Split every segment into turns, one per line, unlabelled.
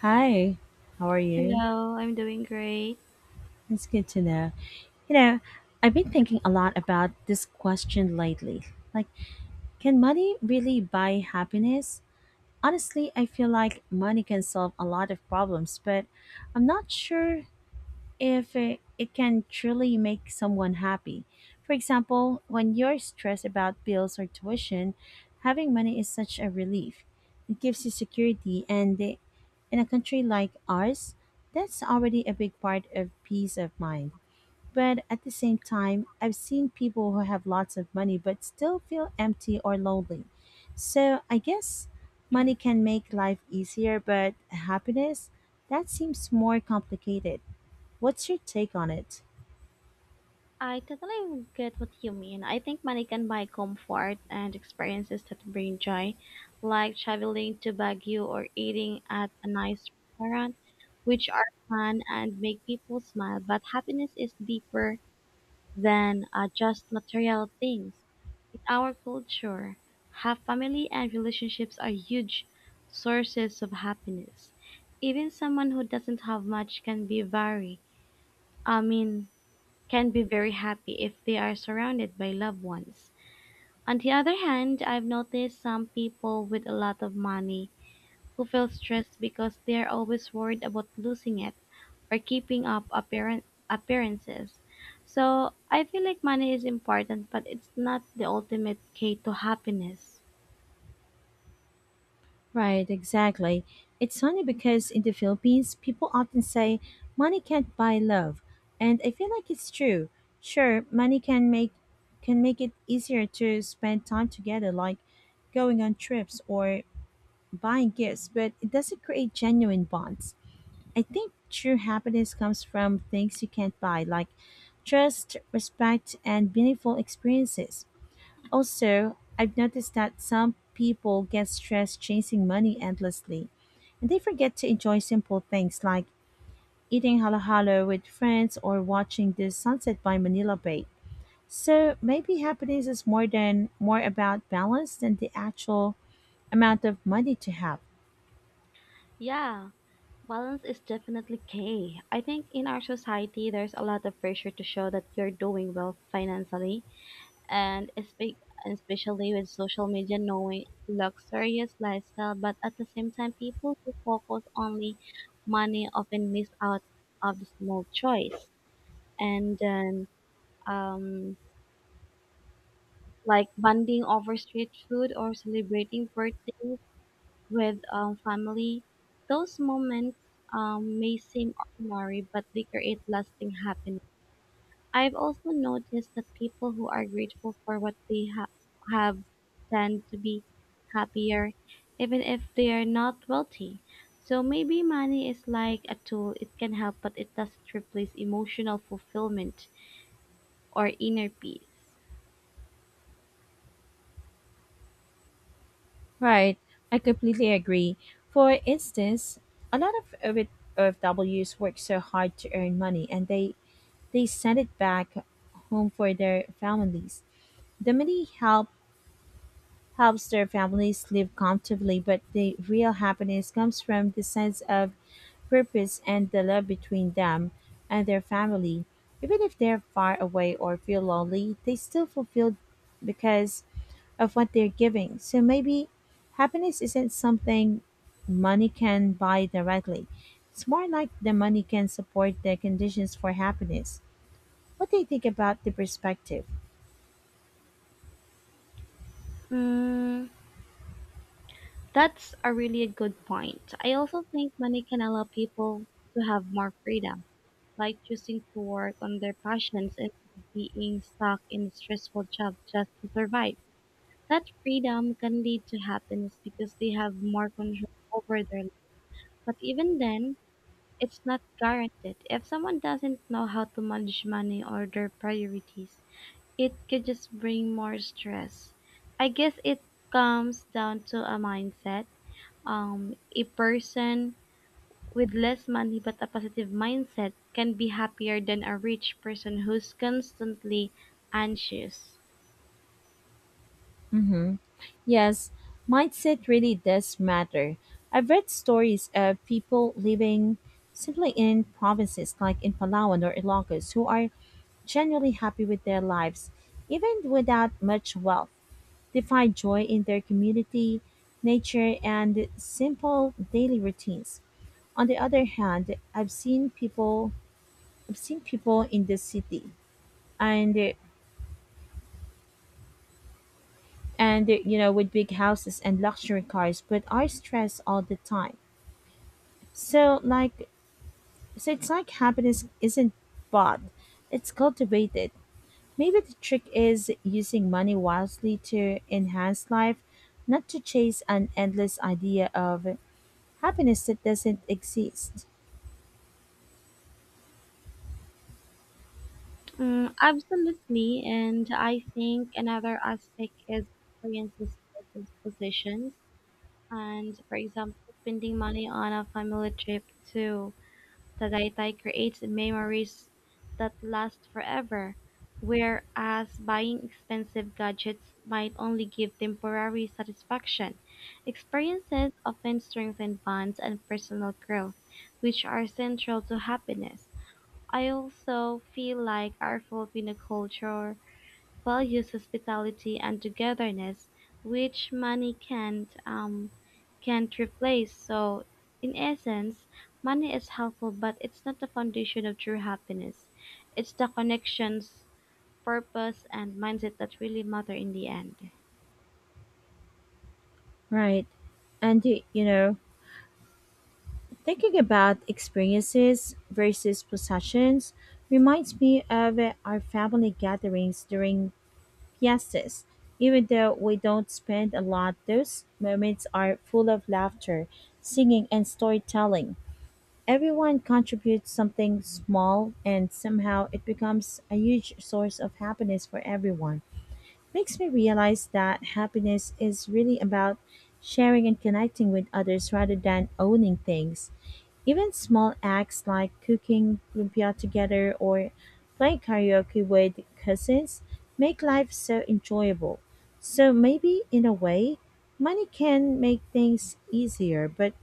Hi, how are you?
Hello, I'm doing great.
It's good to know. You know, I've been thinking a lot about this question lately. Like, can money really buy happiness? Honestly, I feel like money can solve a lot of problems, but I'm not sure if it can truly make someone happy. For example, when you're stressed about bills or tuition, having money is such a relief. It gives you security, and in a country like ours, that's already a big part of peace of mind. But at the same time, I've seen people who have lots of money but still feel empty or lonely. So I guess money can make life easier, but happiness, that seems more complicated. What's your take on it?
I totally get what you mean. I think money can buy comfort and experiences that bring joy, like traveling to Baguio or eating at a nice restaurant, which are fun and make people smile. But happiness is deeper than just material things. In our culture, have family and relationships are huge sources of happiness. Even someone who doesn't have much can be very, I mean, can be very happy if they are surrounded by loved ones. On the other hand, I've noticed some people with a lot of money who feel stressed because they are always worried about losing it or keeping up appearances. So I feel like money is important, but it's not the ultimate key to happiness.
Right, exactly. It's funny because in the Philippines, people often say money can't buy love, and I feel like it's true. Sure, money can make it easier to spend time together like going on trips or buying gifts, but it doesn't create genuine bonds. I think true happiness comes from things you can't buy like trust, respect, and meaningful experiences. Also, I've noticed that some people get stressed chasing money endlessly, and they forget to enjoy simple things like eating halo halo with friends or watching the sunset by Manila Bay. So maybe happiness is more about balance than the actual amount of money to have.
Yeah, balance is definitely key. I think in our society, there's a lot of pressure to show that you're doing well financially and especially with social media knowing luxurious lifestyle, but at the same time people who focus only money often miss out of the small choice, and then um like bonding over street food or celebrating birthdays with family. Those moments may seem ordinary, but they create lasting happiness. I've also noticed that people who are grateful for what they have tend to be happier, even if they are not wealthy. So maybe money is like a tool, it can help, but it doesn't replace emotional fulfillment or inner peace.
Right, I completely agree. For instance, a lot of Ws work so hard to earn money and they send it back home for their families. The money helps their families live comfortably, but the real happiness comes from the sense of purpose and the love between them and their family. Even if they're far away or feel lonely, they still fulfilled because of what they're giving. So maybe happiness isn't something money can buy directly. It's more like the money can support the conditions for happiness. What do you think about the perspective?
Mm, that's a really a good point. I also think money can allow people to have more freedom, like choosing to work on their passions instead of being stuck in a stressful job just to survive. That freedom can lead to happiness because they have more control over their life. But even then, it's not guaranteed. If someone doesn't know how to manage money or their priorities, it could just bring more stress. I guess it comes down to a mindset. A person with less money but a positive mindset can be happier than a rich person who's constantly anxious.
Mm-hmm. Yes, mindset really does matter. I've read stories of people living simply in provinces like in Palawan or Ilocos who are genuinely happy with their lives, even without much wealth. They find joy in their community, nature, and simple daily routines. On the other hand, I've seen people in the city and and you know with big houses and luxury cars but are stressed all the time. So like so it's like happiness isn't bought. It's cultivated. Maybe the trick is using money wisely to enhance life, not to chase an endless idea of happiness that doesn't exist.
Mm, absolutely, and I think another aspect is experiences versus possessions. And for example, spending money on a family trip to Tagaytay creates memories that last forever, whereas buying expensive gadgets might only give temporary satisfaction. Experiences often strengthen bonds and personal growth, which are central to happiness. I also feel like our Filipino culture values hospitality and togetherness, which money can't replace. So, in essence, money is helpful, but it's not the foundation of true happiness. It's the connections, purpose, and mindset that really matter in the end.
Right. And you know, thinking about experiences versus possessions reminds me of our family gatherings during Yes,es. Even though we don't spend a lot, those moments are full of laughter, singing, and storytelling. Everyone contributes something small, and somehow it becomes a huge source of happiness for everyone makes me realize that happiness is really about sharing and connecting with others rather than owning things. Even small acts like cooking lumpia together or playing karaoke with cousins make life so enjoyable. So maybe in a way, money can make things easier, but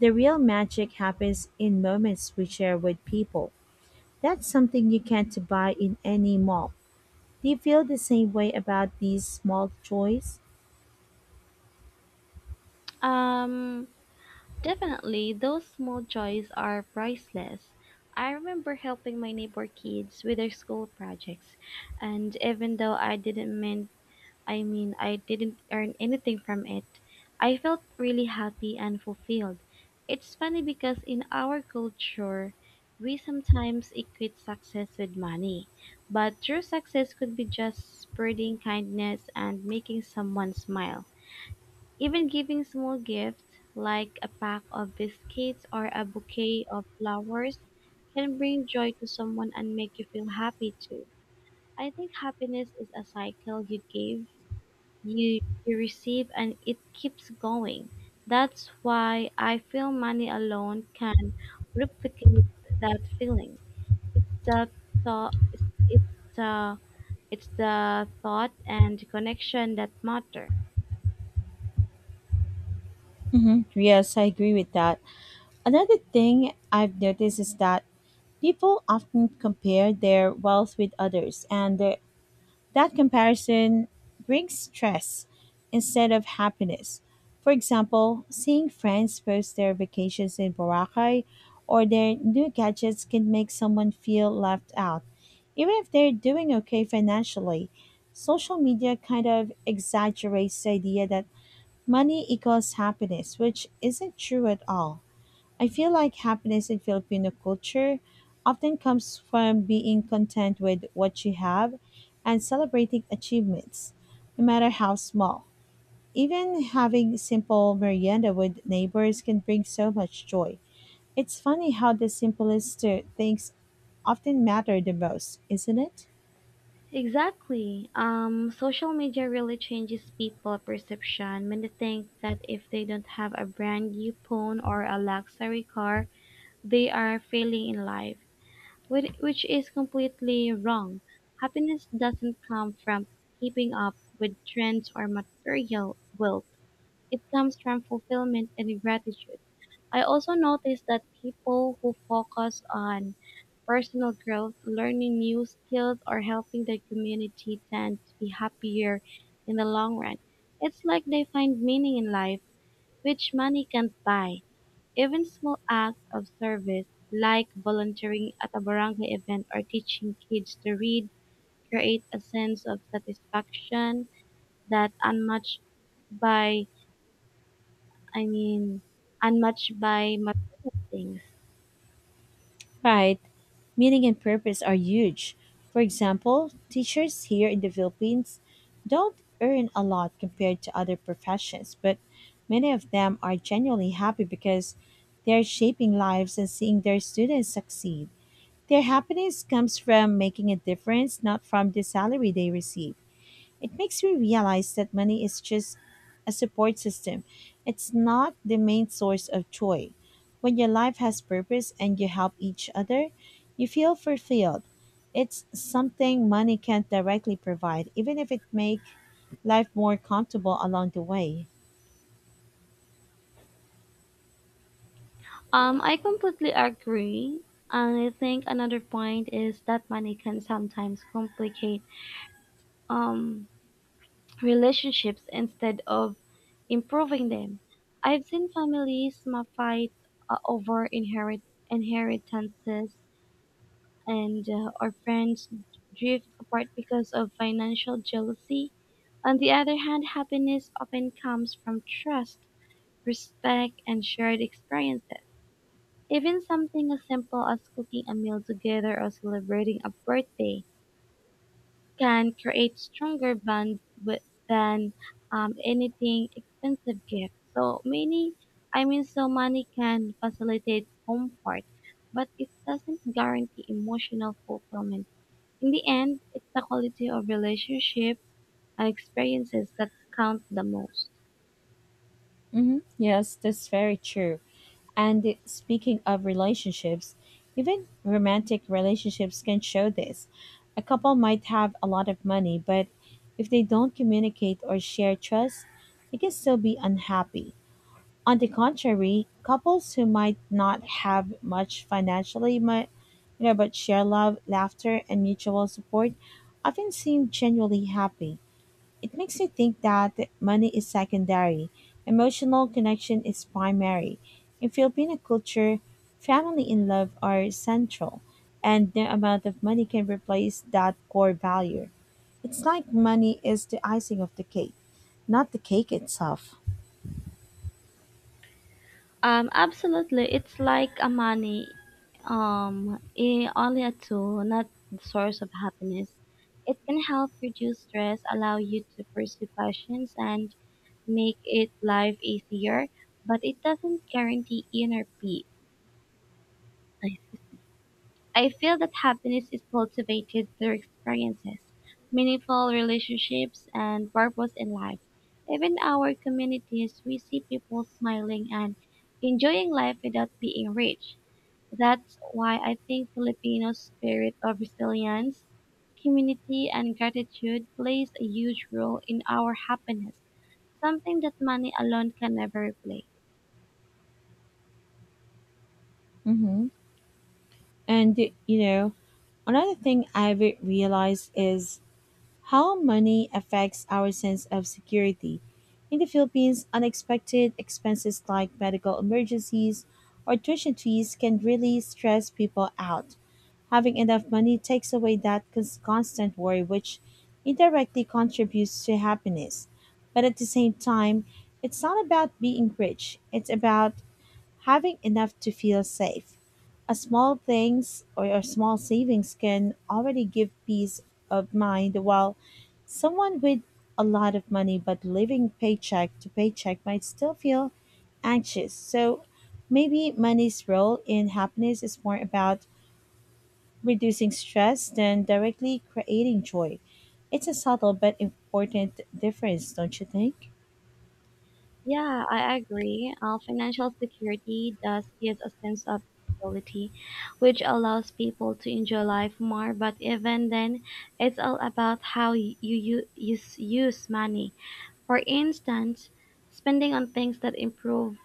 the real magic happens in moments we share with people. That's something you can't buy in any mall. Do you feel the same way about these small joys?
Um, Definitely, those small joys are priceless. I remember helping my neighbor kids with their school projects, and even though I didn't earn anything from it, I felt really happy and fulfilled. It's funny because in our culture, we sometimes equate success with money, but true success could be just spreading kindness and making someone smile. Even giving small gifts, like a pack of biscuits or a bouquet of flowers, can bring joy to someone and make you feel happy too. I think happiness is a cycle: you give, you receive, and it keeps going. That's why I feel money alone can replicate that feeling. It's the thought, it's, it's the it's the thought and connection that matter.
Hmm. Yes, I agree with that. Another thing I've noticed is that people often compare their wealth with others, and their that comparison brings stress instead of happiness. For example, seeing friends post their vacations in Boracay or their new gadgets can make someone feel left out, even if they're doing okay financially. Social media kind of exaggerates the idea that money equals happiness, which isn't true at all. I feel like happiness in Filipino culture often comes from being content with what you have and celebrating achievements, no matter how small. Even having simple merienda with neighbors can bring so much joy. It's funny how the simplest things often matter the most, isn't it?
Exactly. Social media really changes people perception. Many think that if they don't have a brand new phone or a luxury car, they are failing in life, which is completely wrong. Happiness doesn't come from keeping up with trends or material wealth. It comes from fulfillment and gratitude. I also noticed that people who focus on personal growth, learning new skills, or helping their community tend to be happier in the long run. It's like they find meaning in life, which money can't buy. Even small acts of service, like volunteering at a barangay event or teaching kids to read, create a sense of satisfaction that unmatched by, I mean, unmatched by material things.
Right. Meaning and purpose are huge. For example, teachers here in the Philippines don't earn a lot compared to other professions, but many of them are genuinely happy because they're shaping lives and seeing their students succeed. Their happiness comes from making a difference, not from the salary they receive. It makes me realize that money is just a support system. It's not the main source of joy. When your life has purpose and you help each other, you feel fulfilled. It's something money can't directly provide, even if it make life more comfortable along the way.
I completely agree. And I think another point is that money can sometimes complicate um, relationships instead of improving them. I've seen families fight over inheritances, and or friends drift apart because of financial jealousy. On the other hand, happiness often comes from trust, respect, and shared experiences. Even something as simple as cooking a meal together or celebrating a birthday can create stronger bonds with, than anything expensive gift. So money can facilitate comfort, but it doesn't guarantee emotional fulfillment. In the end, it's the quality of relationship and experiences that count the most.
Hmm. Yes, that's very true. And speaking of relationships, even romantic relationships can show this. A couple might have a lot of money, but if they don't communicate or share trust, they can still be unhappy. On the contrary, couples who might not have much financially, you know, but share love, laughter, and mutual support often seem genuinely happy. It makes me think that money is secondary, emotional connection is primary. In Filipino culture, family and love are central, and no amount of money can replace that core value. It's like money is the icing of the cake, not the cake itself.
Absolutely. It's like a money, only a tool, not the source of happiness. It can help reduce stress, allow you to pursue passions, and make it life easier. But it doesn't guarantee inner peace. Excuse I feel that happiness is cultivated through experiences, meaningful relationships, and purpose in life. Even our communities, we see people smiling and enjoying life without being rich. That's why I think Filipino's spirit of resilience, community, and gratitude plays a huge role in our happiness, something that money alone can never replace.
Mm-hmm. And, you know, another thing I've realized is how money affects our sense of security. In the Philippines, unexpected expenses like medical emergencies or tuition fees can really stress people out. Having enough money takes away that constant worry, which indirectly contributes to happiness. But at the same time, it's not about being rich, it's about having enough to feel safe. A small things or a small savings can already give peace of mind while someone with a lot of money but living paycheck to paycheck might still feel anxious. So maybe money's role in happiness is more about reducing stress than directly creating joy. It's a subtle but important difference, don't you think?
Yeah, I agree. Financial security does give a sense of stability, which allows people to enjoy life more. But even then, it's all about how you use money. For instance, spending on things that improve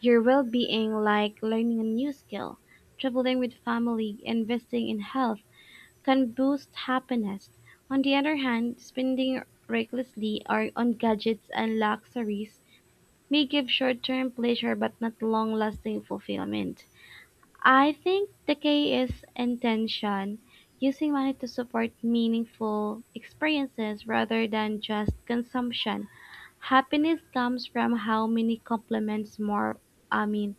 your well-being, like learning a new skill, traveling with family, investing in health, can boost happiness. On the other hand, spending recklessly or on gadgets and luxuries may give short-term pleasure but not long-lasting fulfillment. I think the key is intention, using money to support meaningful experiences rather than just consumption. Happiness comes from how many compliments more I mean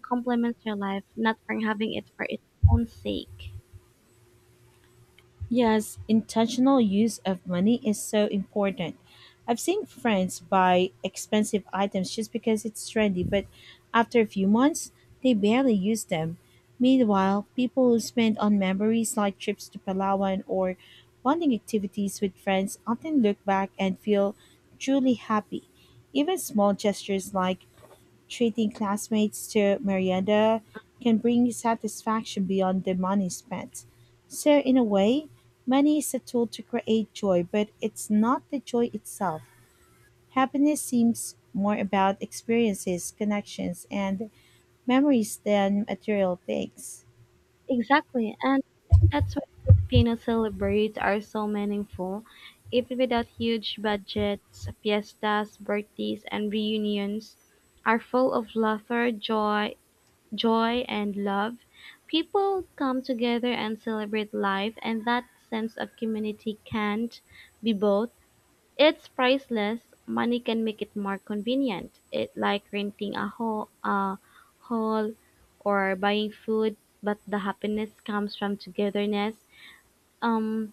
complements your life, not for having it for its own sake.
Yes, intentional use of money is so important. I've seen friends buy expensive items just because it's trendy, but after a few months, they barely use them. Meanwhile, people who spend on memories like trips to Palawan or bonding activities with friends often look back and feel truly happy. Even small gestures like treating classmates to merienda can bring satisfaction beyond the money spent. So, in a way, money is a tool to create joy, but it's not the joy itself. Happiness seems more about experiences, connections, and memories than material things.
Exactly. And I think that's why Filipino celebrates are so meaningful. Even without huge budgets, fiestas, birthdays, and reunions are full of laughter, joy and love. People come together and celebrate life, and that sense of community can't be bought. It's priceless. Money can make it more convenient. It like renting a hall or buying food, but the happiness comes from togetherness. Um,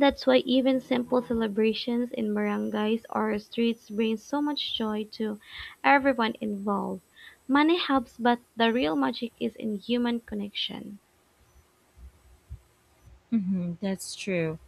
that's why even simple celebrations in barangays or streets bring so much joy to everyone involved. Money helps, but the real magic is in human connection.
Hmm, that's true.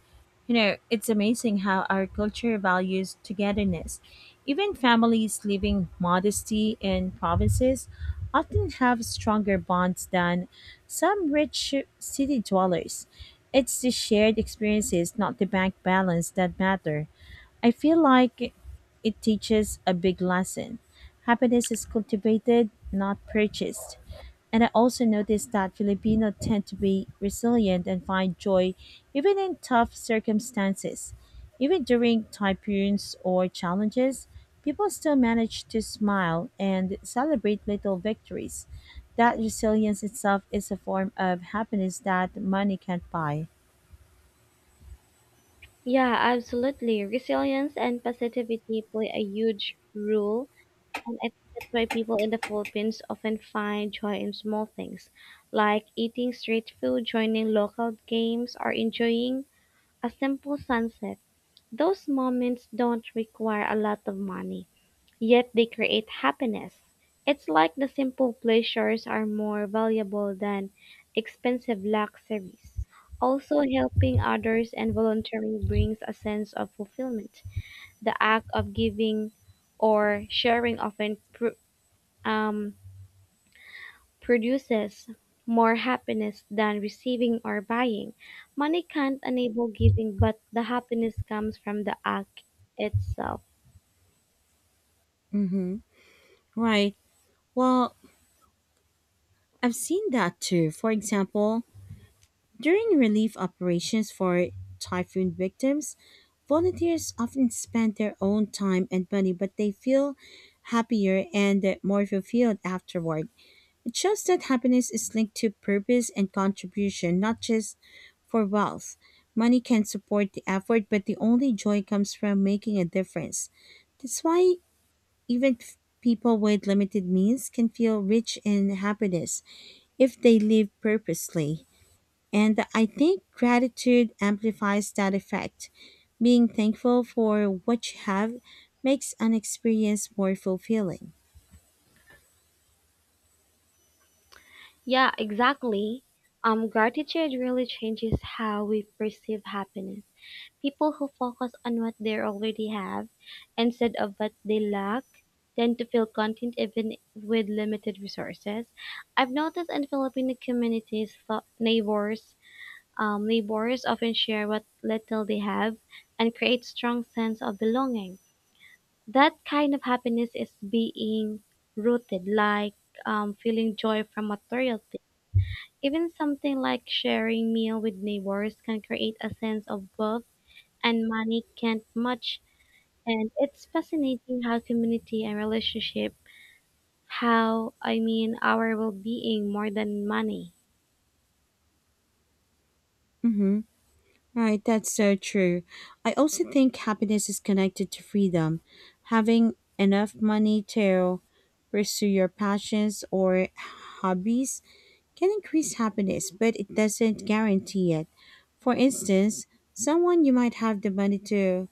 You know, it's amazing how our culture values togetherness. Even families living modesty in provinces often have stronger bonds than some rich city dwellers. It's the shared experiences, not the bank balance, that matter. I feel like it teaches a big lesson. Happiness is cultivated, not purchased. And I also noticed that Filipino tend to be resilient and find joy even in tough circumstances. Even during typhoons or challenges, people still manage to smile and celebrate little victories. That resilience itself is a form of happiness that money can't buy.
Yeah, absolutely. Resilience and positivity play a huge role. And I think that's why people in the Philippines often find joy in small things, like eating street food, joining local games, or enjoying a simple sunset. Those moments don't require a lot of money, yet they create happiness. It's like the simple pleasures are more valuable than expensive luxuries. Also, helping others and volunteering brings a sense of fulfillment. The act of giving or sharing often um, produces more happiness than receiving or buying. Money can't enable giving, but the happiness comes from the act itself.
Mm-hmm. Right. Well, I've seen that too. For example, during relief operations for typhoon victims, volunteers often spend their own time and money, but they feel happier and more fulfilled afterward. It shows that happiness is linked to purpose and contribution, not just for wealth. Money can support the effort, but the only joy comes from making a difference. That's why even people with limited means can feel rich in happiness if they live purposely. And I think gratitude amplifies that effect. Being thankful for what you have makes an experience more fulfilling.
Yeah, exactly. Gratitude really changes how we perceive happiness. People who focus on what they already have instead of what they lack tend to feel content even with limited resources. I've noticed in Filipino communities, neighbors often share what little they have and create strong sense of belonging. That kind of happiness is being rooted, like feeling joy from material things. Even something like sharing meal with neighbors can create a sense of wealth and money can't match. And it's fascinating how community and relationship, how I mean our well-being more than money.
Mm-hmm. Right, that's so true. I also think happiness is connected to freedom. Having enough money to pursue your passions or hobbies can increase happiness, but it doesn't guarantee it. For instance, someone you might have the money to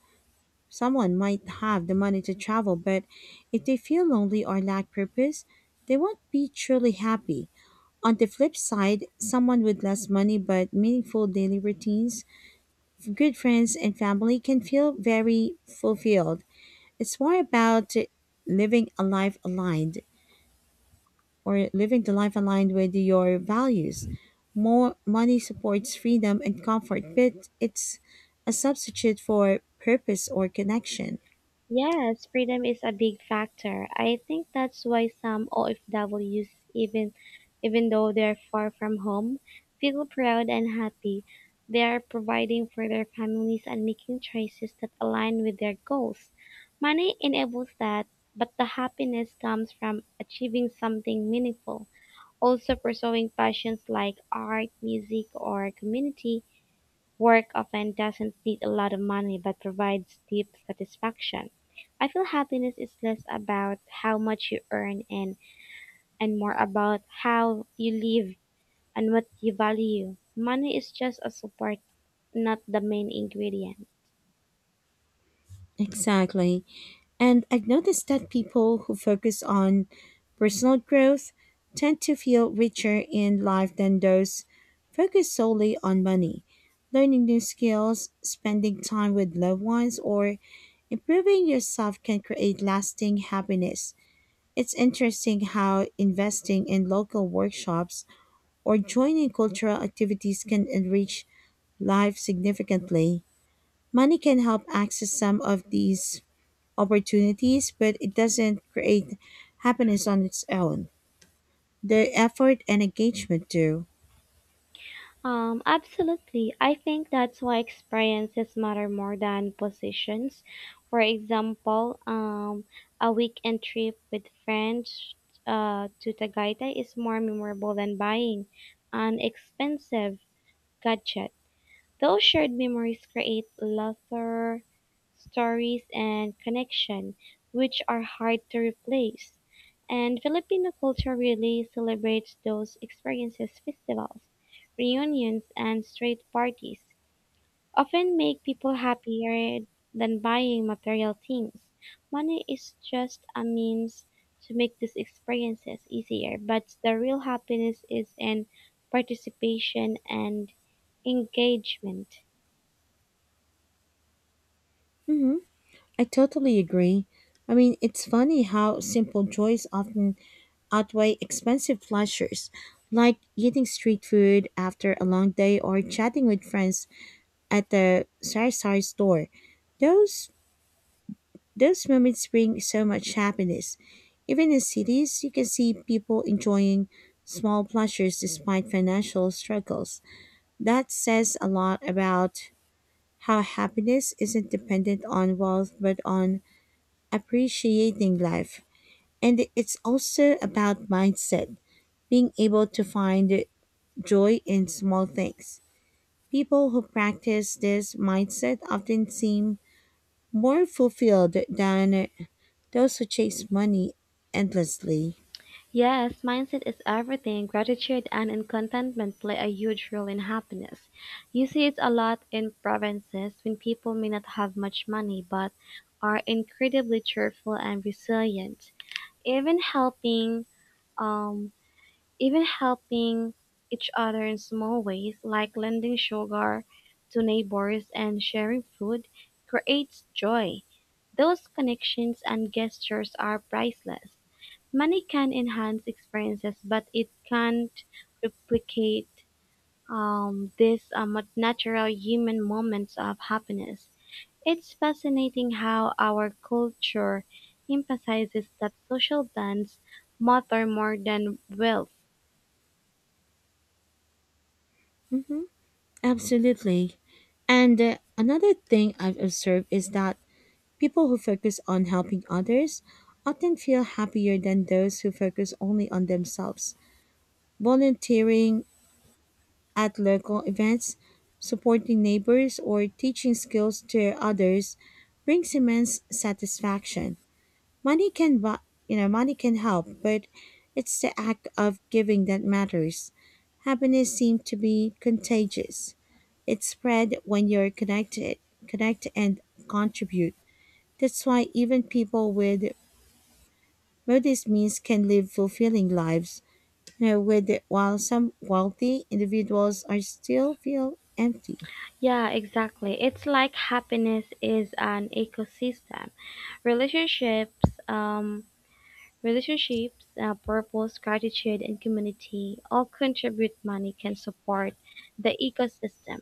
someone might have the money to travel, but if they feel lonely or lack purpose, they won't be truly happy. On the flip side, someone with less money but meaningful daily routines, good friends and family can feel very fulfilled. It's more about living a life aligned living the life aligned with your values. More money supports freedom and comfort, but it's a substitute for purpose or connection.
Yes, freedom is a big factor. I think that's why some OFWs, even though they're far from home, feel proud and happy. They are providing for their families and making choices that align with their goals. Money enables that, but the happiness comes from achieving something meaningful. Also pursuing passions like art, music, or community work often doesn't need a lot of money but provides deep satisfaction. I feel happiness is less about how much you earn and more about how you live and what you value. Money is just a support, not the main ingredient.
Exactly. And I've noticed that people who focus on personal growth tend to feel richer in life than those focused solely on money. Learning new skills, spending time with loved ones, or improving yourself can create lasting happiness. It's interesting how investing in local workshops or joining cultural activities can enrich life significantly. Money can help access some of these opportunities, but it doesn't create happiness on its own. The effort and engagement do.
Absolutely. I think that's why experiences matter more than positions. For example, a weekend trip with friends to Tagaytay is more memorable than buying an expensive gadget. Those shared memories create laughter, stories, and connection, which are hard to replace. And Filipino culture really celebrates those experiences, festivals, reunions, and street parties often make people happier than buying material things. Money is just a means to make these experiences easier, but the real happiness is in participation and engagement.
Hmm. I totally agree. I mean, it's funny how simple joys often outweigh expensive pleasures, like eating street food after a long day or chatting with friends at the Sarsari store. Those those moments bring so much happiness. Even in cities, you can see people enjoying small pleasures despite financial struggles. That says a lot about how happiness isn't dependent on wealth but on appreciating life. And it's also about mindset, being able to find joy in small things. People who practice this mindset often seem more fulfilled than those who chase money endlessly.
Yes, mindset is everything. Gratitude and contentment play a huge role in happiness. You see it a lot in provinces when people may not have much money but are incredibly cheerful and resilient. Even helping, um, Even helping each other in small ways, like lending sugar to neighbors and sharing food, creates joy. Those connections and gestures are priceless. Money can enhance experiences, but it can't replicate these natural human moments of happiness. It's fascinating how our culture emphasizes that social bonds matter more than wealth.
Hmm, absolutely. And another thing I've observed is that people who focus on helping others often feel happier than those who focus only on themselves. Volunteering at local events, supporting neighbors, or teaching skills to others brings immense satisfaction. Money can buy, you know, money can help, but it's the act of giving that matters. Happiness seems to be contagious. It spread when you're connect and contribute. That's why even people with modest means can live fulfilling lives. You know, with while some wealthy individuals are still feel empty.
Yeah, exactly. It's like happiness is an ecosystem. Relationships, um, Relationships, purpose, gratitude, and community all contribute money can support the ecosystem,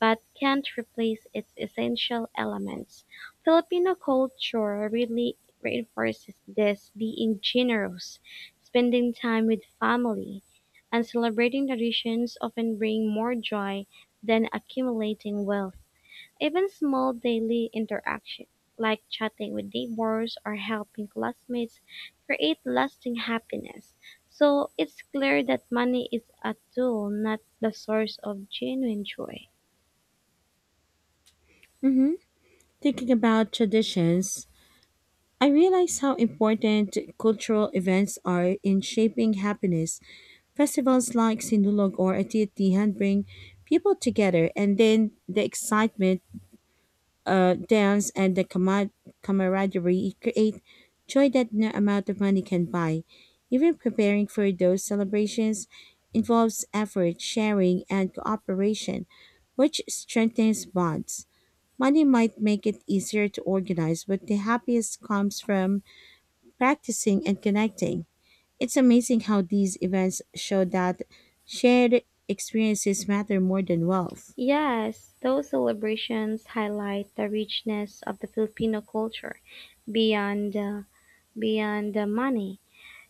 but can't replace its essential elements. Filipino culture really reinforces this being generous, spending time with family, and celebrating traditions often bring more joy than accumulating wealth. Even small daily interactions, like chatting with neighbors or helping classmates, create lasting happiness. So it's clear that money is a tool, not the source of genuine joy.
Hmm. Thinking about traditions, I realize how important cultural events are in shaping happiness. Festivals like Sindulog or Atiatihan bring people together, and then the excitement, dance, and the camaraderie create joy that no amount of money can buy. Even preparing for those celebrations involves effort, sharing, and cooperation, which strengthens bonds. Money might make it easier to organize, but the happiest comes from practicing and connecting. It's amazing how these events show that shared experiences matter more than wealth.
Yes, those celebrations highlight the richness of the Filipino culture beyond beyond the money.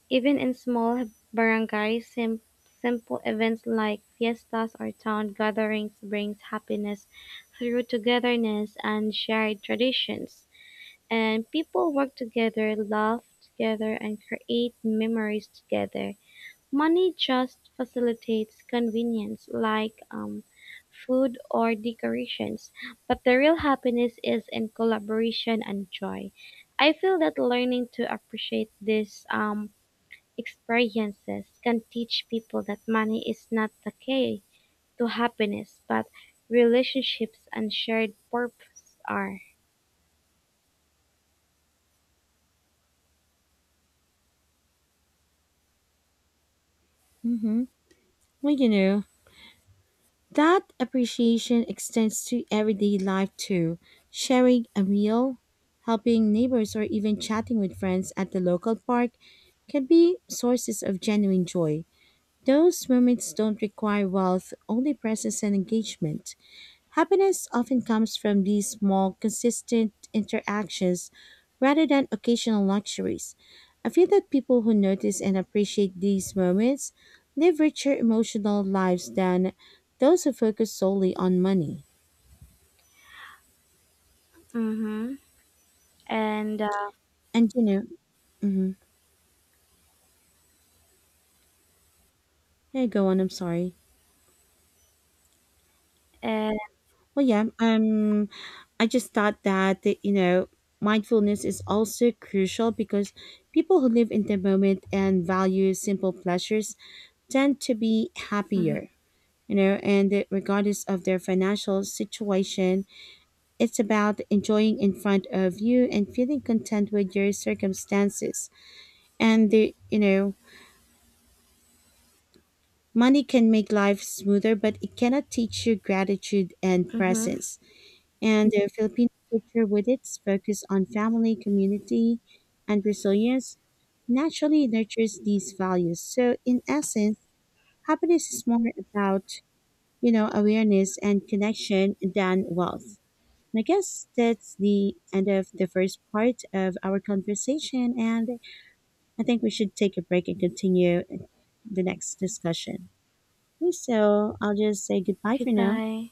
Even in small barangays, simple events like fiestas or town gatherings brings happiness through togetherness and shared traditions. And people work together, laugh together, and create memories together. Money just facilitates convenience, like food or decorations, but the real happiness is in collaboration and joy. I feel that learning to appreciate this experiences can teach people that money is not the key to happiness, but relationships and shared purpose are.
Mm-hmm. Well, you know, that appreciation extends to everyday life too. Sharing a meal, helping neighbors, or even chatting with friends at the local park can be sources of genuine joy. Those moments don't require wealth, only presence and engagement. Happiness often comes from these small, consistent interactions rather than occasional luxuries. I feel that people who notice and appreciate these moments live richer emotional lives than those who focus solely on money.
Mm-hmm. And
And you know, mm-hmm, yeah, go on. I'm sorry.
uh,
Well, yeah, I just thought that you know mindfulness is also crucial because people who live in the moment and value simple pleasures tend to be
mm-hmm.
happier. You know, and regardless of their financial situation, it's about enjoying in front of you and feeling content with your circumstances. And the, you know, money can make life smoother, but it cannot teach you gratitude and
Mm-hmm.
presence. And the Filipino culture, with its focus on family, community, and resilience, naturally nurtures these values. So, in essence, happiness is more about you know awareness and connection than wealth. And I guess that's the end of the first part of our conversation, and I think we should take a break and continue the next discussion. Okay, so I'll just say goodbye for now.
Goodbye.